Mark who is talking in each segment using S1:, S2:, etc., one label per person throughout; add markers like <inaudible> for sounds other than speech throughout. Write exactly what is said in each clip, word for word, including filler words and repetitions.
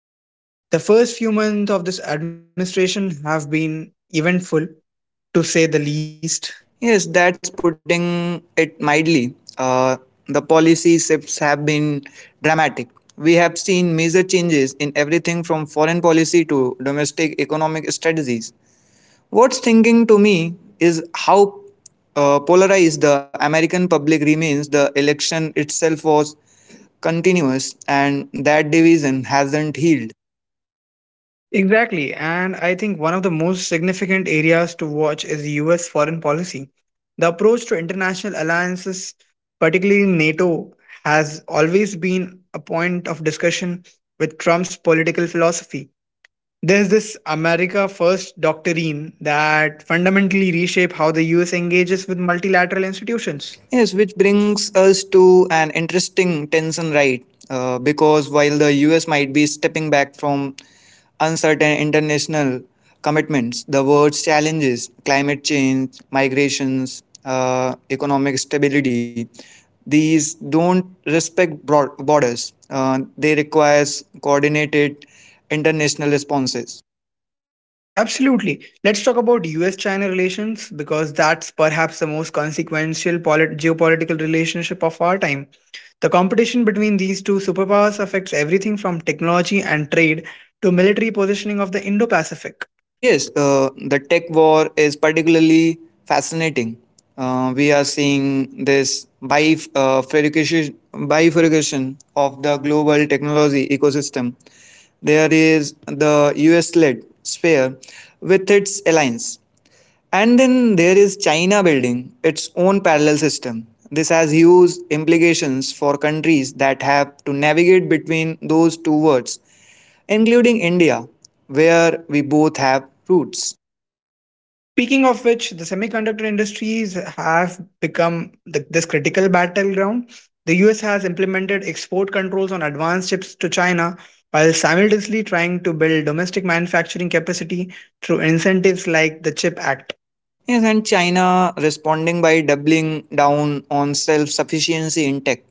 S1: elections. The first few months of this administration have been eventful, to say the least.
S2: Yes, that's putting it mildly. Uh, the policy shifts have been dramatic. We have seen major changes in everything from foreign policy to domestic economic strategies. What's thinking to me is how uh, polarized the American public remains. The election itself was continuous, and that division hasn't healed.
S1: Exactly. And I think one of the most significant areas to watch is U S foreign policy. The approach to international alliances, particularly NATO, has always been a point of discussion with Trump's political philosophy. There's this America First doctrine that fundamentally reshape how the U S engages with multilateral institutions.
S2: Yes, which brings us to an interesting tension, right? Uh, because while the U S might be stepping back from uncertain international commitments, the world's challenges, climate change, migrations, uh, economic stability, these don't respect broad borders. Uh, they require coordinated international responses.
S1: Absolutely. Let's talk about U S China relations because that's perhaps the most consequential polit- geopolitical relationship of our time. The competition between these two superpowers affects everything from technology and trade to military positioning of the Indo Pacific.
S2: Yes, uh, the tech war is particularly fascinating. Uh, we are seeing this bif- uh, bifurcation bifurcation of the global technology ecosystem. There is the U S led sphere with its alliance, and then there is China building its own parallel system. This has huge implications for countries that have to navigate between those two worlds including India, where we both have roots.
S1: Speaking of which, the semiconductor industries have become the, this critical battleground. The U S has implemented export controls on advanced chips to China while simultaneously trying to build domestic manufacturing capacity through incentives like the Chip Act.
S2: Yes, and China responding by doubling down on self sufficiency in tech.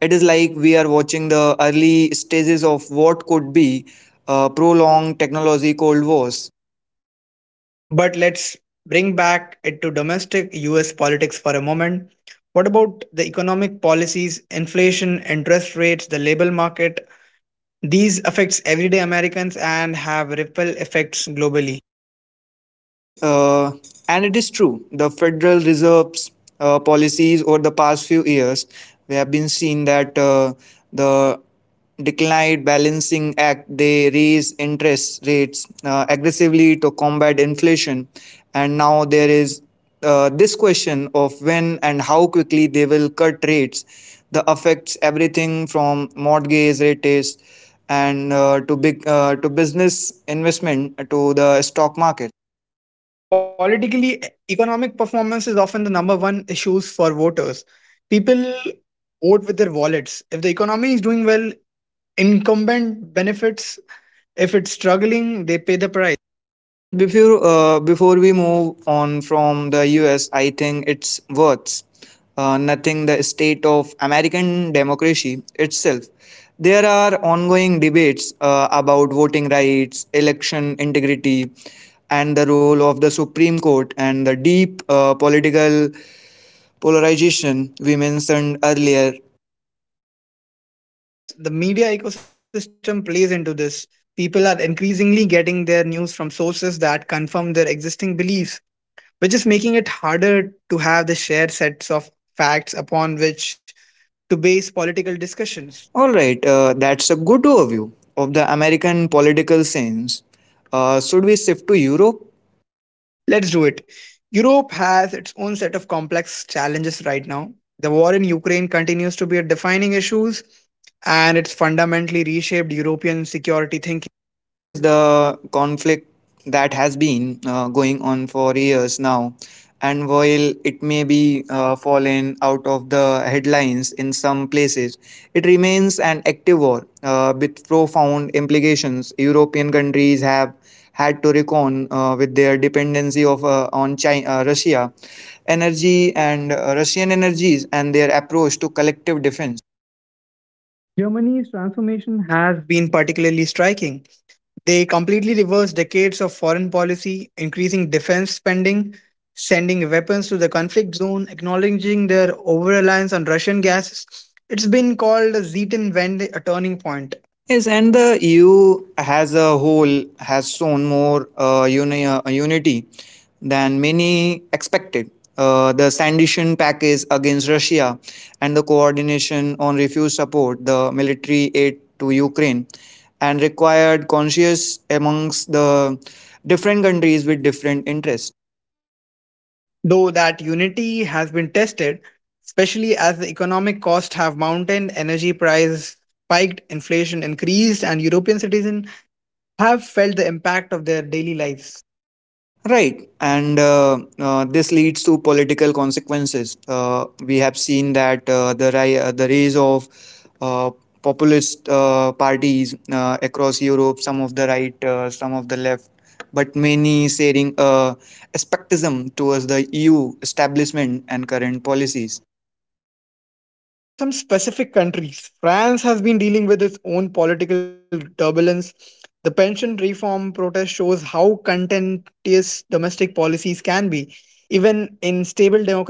S2: It is like we are watching the early stages of what could be a prolonged technology cold wars.
S1: But let's bring back it to domestic U S politics for a moment. What about the economic policies, inflation, interest rates, the labor market? These affects everyday Americans and have ripple effects globally.
S2: Yes, uh, and it is true. The Federal Reserve's uh, policies over the past few years, we have been seeing that uh, the declined balancing act they raise interest rates uh, aggressively to combat inflation and now there is uh, this question of when and how quickly they will cut rates that affects everything from mortgage rates and uh, to big uh, to business investment to the stock market.
S1: And politically, e- economic performance is often the number one issues for voters. People vote with their wallets. If the economy is doing well, incumbent benefits. If it's struggling, they pay the price.
S2: Yes, before uh, before we move on from the U S, I think it's worth uh, nothing the state of American democracy itself. There are ongoing debates uh, about voting rights, election integrity, and the role of the Supreme Court and the deep uh, political polarization we mentioned earlier.
S1: Yes, the media ecosystem plays into this. People are increasingly getting their news from sources that confirm their existing beliefs, which is making it harder to have the shared sets of facts upon which to base political discussions.
S2: All right, uh, that's a good overview of the American political scenes. Uh, should we shift to Europe?
S1: Let's do it. Europe has its own set of complex challenges right now. The war in Ukraine continues to be a defining issue, and it's fundamentally reshaped European security thinking.
S2: Yes, the conflict that has been uh, going on for years now, and while it may be uh, fallen out of the headlines in some places, it remains an active war uh, with profound implications. European countries have had to reckon uh, with their dependency of uh, on China, uh, Russia energy and uh, Russian energies and their approach to collective defense.
S1: Germany's transformation has been particularly striking. They completely reversed decades of foreign policy, increasing defense spending, sending weapons to the conflict zone, acknowledging their over reliance on Russian gases. It's been called a Zetan Wende, a turning point,
S2: Yes, and the E U as a whole has shown more uh, uni- uh, unity than many expected. Uh, the sanction package against Russia and the coordination on refuse support, the military aid to Ukraine, and required conscious amongst the different countries with different interests.
S1: though that unity has been tested, especially as the economic costs have mounted, energy prices spiked, inflation increased, and European citizens have felt the impact of their daily lives.
S2: Right, and uh, uh, this leads to political consequences. Uh, we have seen that uh, the ri- uh, the rise of uh, populist uh, parties uh, across Europe, some of the right, uh, some of the left, but many sharing uh, skepticism towards the E U establishment and current policies.
S1: Let's talk about some specific countries. France has been dealing with its own political turbulence. The pension reform protest shows how contentious domestic policies can be, even in stable democracies.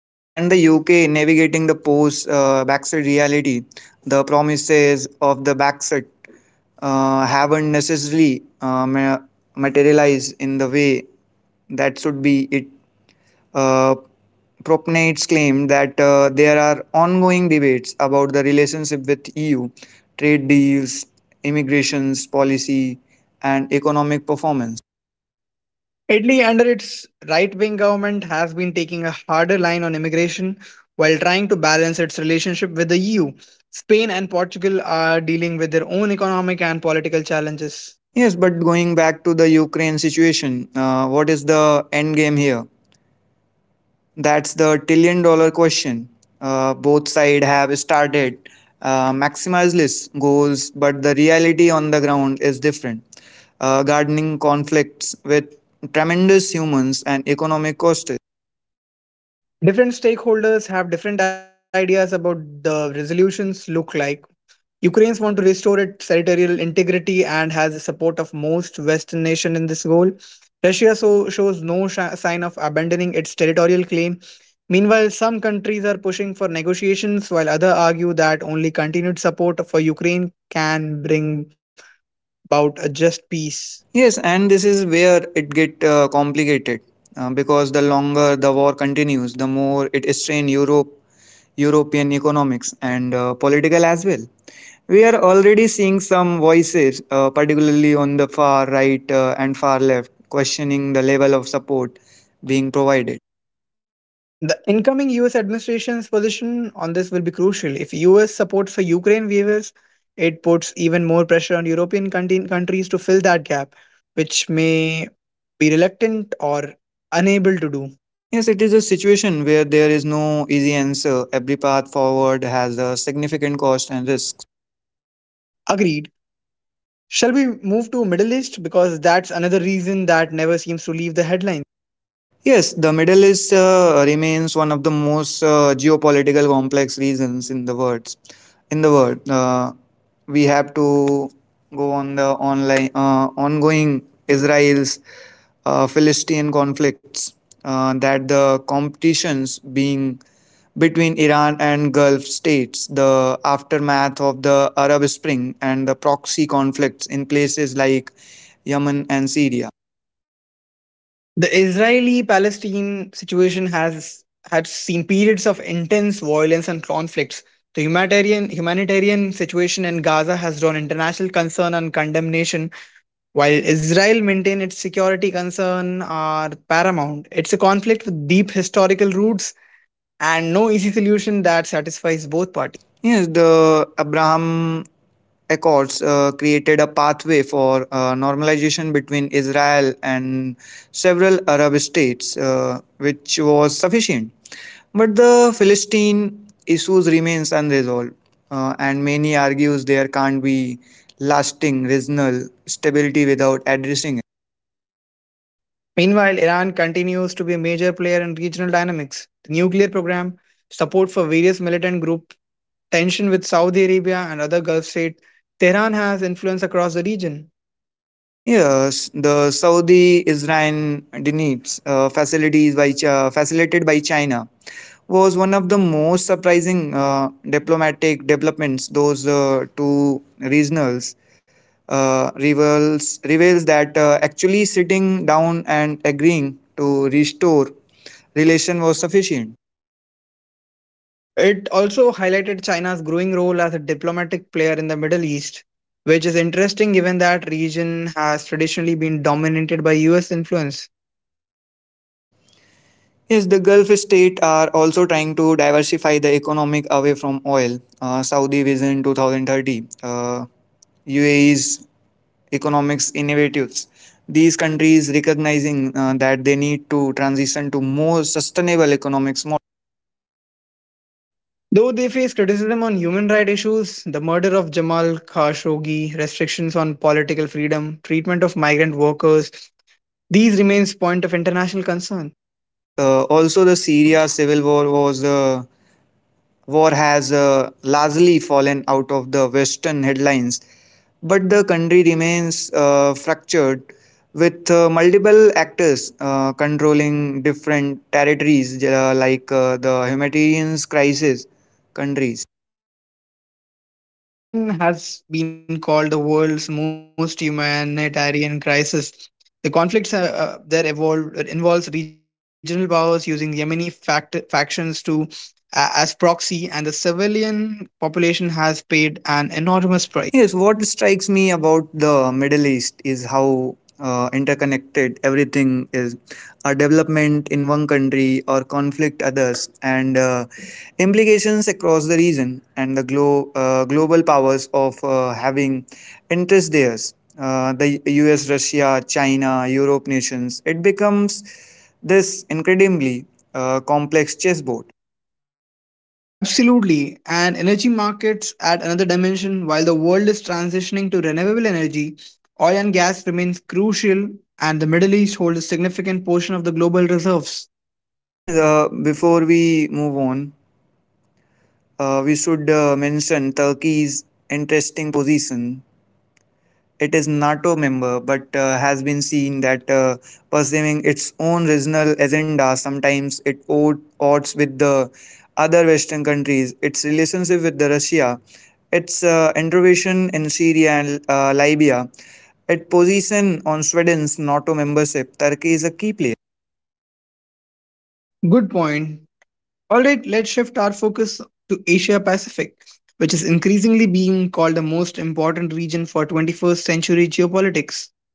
S2: Yes, and the U K navigating the post uh, Brexit reality, the promises of the Brexit uh, haven't necessarily uh, ma- materialized in the way that should be. It uh, propagates claim that uh, there are ongoing debates about the relationship with E U, trade deals, immigrations policy, and economic performance.
S1: Italy, under its right wing government, has been taking a harder line on immigration while trying to balance its relationship with the E U. Spain and Portugal are dealing with their own economic and political challenges.
S2: Yes, but going back to the Ukraine situation, uh, what is the end game here? That's the trillion dollar question. Uh, both sides have started uh, maximize list goals, but the reality on the ground is different. Uh, gardening conflicts with tremendous humans and economic costs.
S1: Different stakeholders have different ideas about the resolutions look like. Ukraine wants to restore its territorial integrity and has the support of most Western nations in this goal. Russia so, shows no sh- sign of abandoning its territorial claim. Meanwhile, some countries are pushing for negotiations, while others argue that only continued support for Ukraine can bring about a just peace.
S2: Yes, and this is where it get uh, complicated uh, because the longer the war continues, the more it strain Europe, European economics and uh, political as well. We are already seeing some voices, uh, particularly on the far right uh, and far left, questioning the level of support being provided.
S1: The incoming U S administration's position on this will be crucial. If U S support for Ukraine wavers, it puts even more pressure on European contin- countries to fill that gap, which may be reluctant or unable to do.
S2: Yes, it is a situation where there is no easy answer. Every path forward has a significant cost and risk.
S1: Agreed. Shall we move to Middle East because that's another reason that never seems to leave the headlines?
S2: Yes, the Middle East uh, remains one of the most uh, geopolitical complex regions in the world. In the world, uh, we have to go on the online uh, ongoing Israel's uh, Philistine conflicts, uh, that the competitions being between Iran and Gulf states, the aftermath of the Arab Spring, and the proxy conflicts in places like Yemen and Syria.
S1: The Israeli Palestine situation has had seen periods of intense violence and conflicts. The humanitarian, humanitarian situation in Gaza has drawn international concern and condemnation, while Israel maintains its security concern are paramount. It's a conflict with deep historical roots and no easy solution that satisfies both parties.
S2: Yes, the Abraham Accords uh, created a pathway for uh, normalization between Israel and several Arab states, uh, which was sufficient. But the Philistine issues remains unresolved, uh, and many argues there can't be lasting regional stability without addressing.
S1: Meanwhile, Iran continues to be a major player in regional dynamics. The nuclear program, support for various militant groups tension with Saudi Arabia and other Gulf states, Tehran has influence across the region.
S2: Yes, the Saudi Israel Deniz uh, facilities by Chi- facilitated by China was one of the most surprising uh, diplomatic developments. Those uh, two regionals uh, reveals reveals that uh, actually sitting down and agreeing to restore relation was sufficient.
S1: It also highlighted China's growing role as a diplomatic player in the Middle East, which is interesting given that region has traditionally been dominated by U S influence.
S2: Yes, the Gulf states are also trying to diversify the economic away from oil. Uh, Saudi Vision two thousand thirty. Uh, U A E's economics innovatives. These countries recognizing uh, that they need to transition to more sustainable economics model.
S1: Though they face criticism on human rights issues, the murder of Jamal Khashoggi, restrictions on political freedom, treatment of migrant workers, these remains point of international concern.
S2: Yes, uh, also the Syria civil war was uh, war has uh, largely fallen out of the Western headlines, but the country remains uh, fractured with uh, multiple actors uh, controlling different territories uh, like uh, the humanitarian crisis countries.
S1: And Yemen has been called the world's most humanitarian crisis. The conflicts uh, uh, there evolved, it involves regional powers using Yemeni fact- factions to a as proxy, and the civilian population has paid an enormous price.
S2: Yes, what strikes me about the Middle East is how uh, interconnected everything is. A development in one country or conflict others, and uh, implications across the region and the glo- uh, global powers of uh, having interest there. Uh, the U S, Russia, China, Europe nations. It becomes this incredibly uh, complex chessboard.
S1: Absolutely. And energy markets add another dimension. While the world is transitioning to renewable energy, oil and gas remains crucial, and the Middle East holds a significant portion of the global reserves.
S2: Yes, uh, before we move on, Uh, we should uh, mention Turkey's interesting position. It is NATO member, but uh, has been seen that uh, pursuing its own regional agenda sometimes it od- odds with the other Western countries. Its relationship with the Russia, its uh, intervention in Syria and uh, Libya, its position on Sweden's NATO membership. Turkey is a key player.
S1: Good point. All right, let's shift our focus to Asia Pacific, which is increasingly being called the most important region for twenty-first century geopolitics.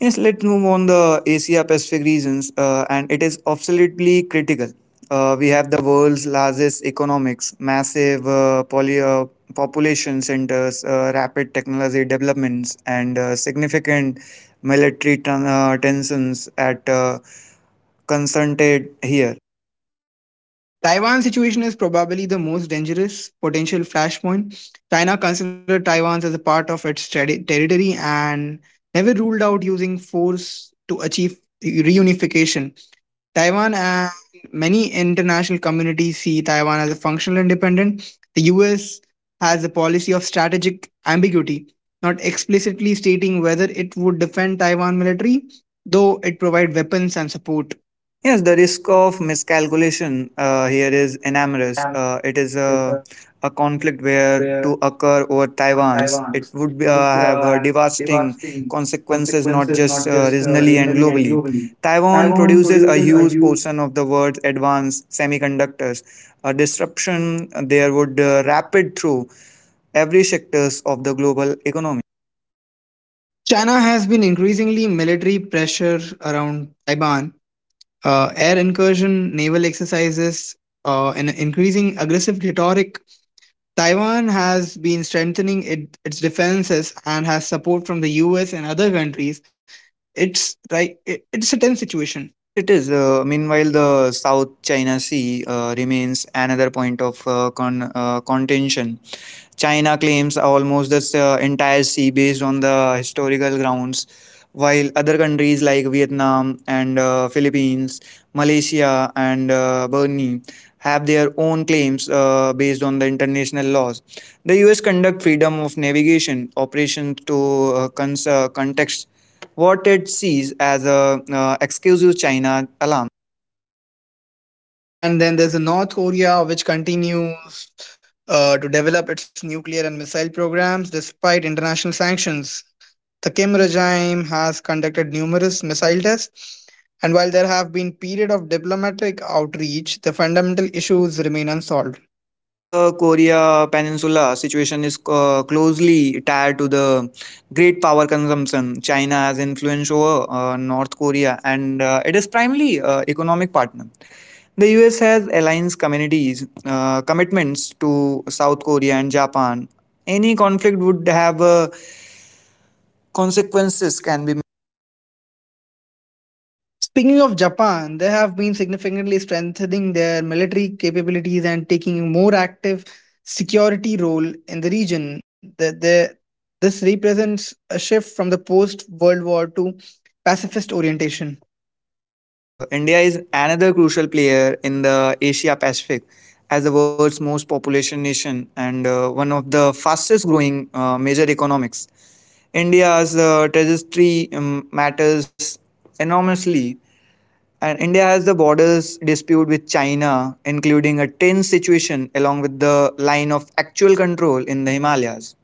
S2: Yes, let's move on the Asia Pacific regions, uh, and it is absolutely critical. Uh, we have the world's largest economics, massive uh, poly, uh, population centers, uh, rapid technology developments, and uh, significant military ten- uh, tensions at uh, concentrated here.
S1: Taiwan's situation is probably the most dangerous potential flashpoint. China considered Taiwan as a part of its terri- territory and never ruled out using force to achieve reunification. Taiwan and many international communities see Taiwan as a functional independent. The U S has a policy of strategic ambiguity, not explicitly stating whether it would defend Taiwan military, though it provides weapons and support.
S2: Yes, the risk of miscalculation uh, here is enormous. Uh, it is a, a conflict where to occur over Taiwan's, it would be, uh, have uh, devastating
S1: Devastating
S2: consequences
S1: consequences.
S2: not just uh, regionally and globally.
S1: um,
S2: Taiwan produces a huge portion of the world's advanced semiconductors. A disruption there would uh, rapid through every sectors of the global economy.
S1: China has been increasingly military pressure around Taiwan, uh, air incursion, naval exercises, uh, and increasing aggressive rhetoric. Taiwan has been strengthening it, its defenses and has support from the U S and other countries. It's right. it- it's a tense situation.
S2: Yes, it is. Uh, meanwhile, the South China Sea uh, remains another point of uh, con- uh, contention. China claims almost this uh, entire sea based on the historical grounds, while other countries like Vietnam and uh, Philippines, Malaysia and uh, Brunei have their own claims uh, based on the international laws. The U S conduct freedom of navigation operations to uh, cons- uh, contexts what it sees as a uh, exclusive China alarm.
S1: And then there's a North Korea which continues uh, to develop its nuclear and missile programs despite international sanctions. The Kim regime has conducted numerous missile tests, and while there have been periods of diplomatic outreach, the fundamental issues remain unsolved.
S2: Yes, the Korea Peninsula situation is uh, closely tied to the great power consumption China has influence over uh, North Korea, and uh, it is primarily uh, economic partner. The U S has alliance communities uh, commitments to South Korea and Japan. Any conflict would have uh, consequences can be.
S1: Speaking of Japan, they have been significantly strengthening their military capabilities and taking a more active security role in the region. That they, this represents a shift from the post World War two pacifist orientation.
S2: Yes, uh, India is another crucial player in the Asia Pacific as the world's most population nation and uh, one of the fastest growing uh, major economics. India's uh, trajectory um, matters enormously, and India has the borders dispute with China, including a tense situation along with the line of actual control in the Himalayas.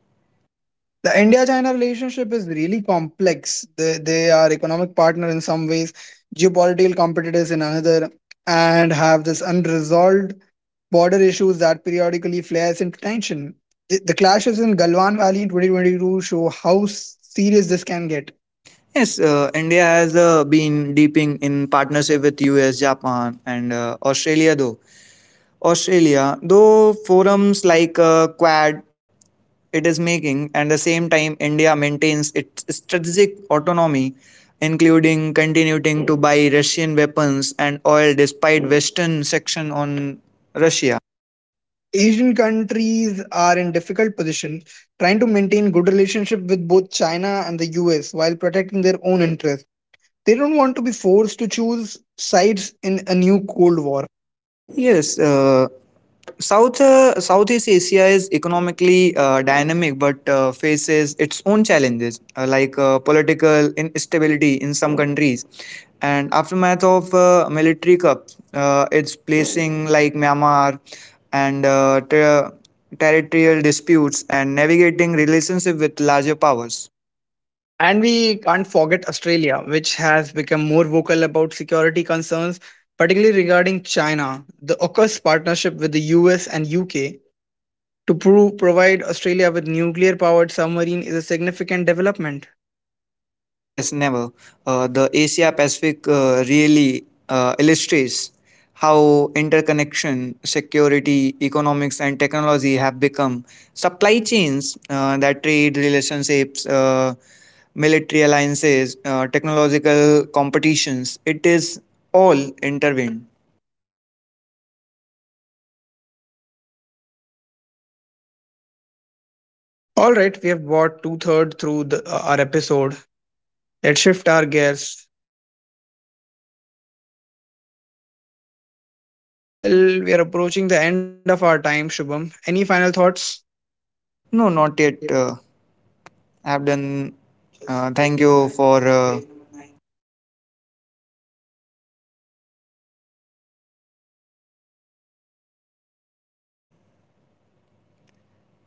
S1: The India-China relationship is really complex. They, they are economic partner in some ways, geopolitical competitors in another, and have this unresolved border issues that periodically flares into tension. The, the clashes in Galwan Valley in twenty twenty-two show how serious this can get.
S2: Yes, uh, India has uh, been deeping in partnership with U S, Japan, and uh, Australia, though Australia, though forums like uh, Quad it is making, and the same time India maintains its strategic autonomy, including continuing to buy Russian weapons and oil despite Western sanction on Russia.
S1: Asian countries are in difficult position, trying to maintain good relationship with both China and the U S while protecting their own interests. They don't want to be forced to choose sides in a new Cold War.
S2: Yes. Uh, South uh, Southeast Asia is economically uh, dynamic but uh, faces its own challenges uh, like uh, political instability in some countries and aftermath of uh, military coup. Uh, it's placing like Myanmar and uh, ter- territorial disputes and navigating relationship with larger powers.
S1: And we can't forget Australia, which has become more vocal about security concerns, particularly regarding China. The AUKUS partnership with the U S and U K to pro- provide Australia with nuclear powered submarine is a significant development.
S2: Yes, never. Uh, the Asia Pacific uh, really uh, illustrates how interconnection, security, economics, and technology have become supply chains uh, that trade relationships, uh, military alliances, uh, technological competitions. It is all intervened.
S1: All right, we have bought two thirds through the, uh, our episode. Let's shift our gears. Well, we are approaching the end of our time, Shubham. Any final thoughts?
S2: No, not yet. Uh, I've done. Uh, thank you for. Uh,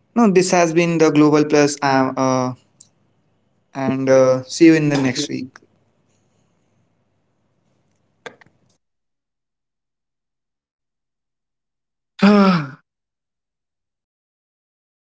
S1: <sighs>
S2: no, this
S1: This has
S2: has
S1: been
S2: been
S1: the
S2: the Global
S1: global press
S2: Plus, uh,
S1: and
S2: uh, and uh,
S1: the
S2: see you in
S1: Steven
S2: the next
S1: <sighs>
S2: week.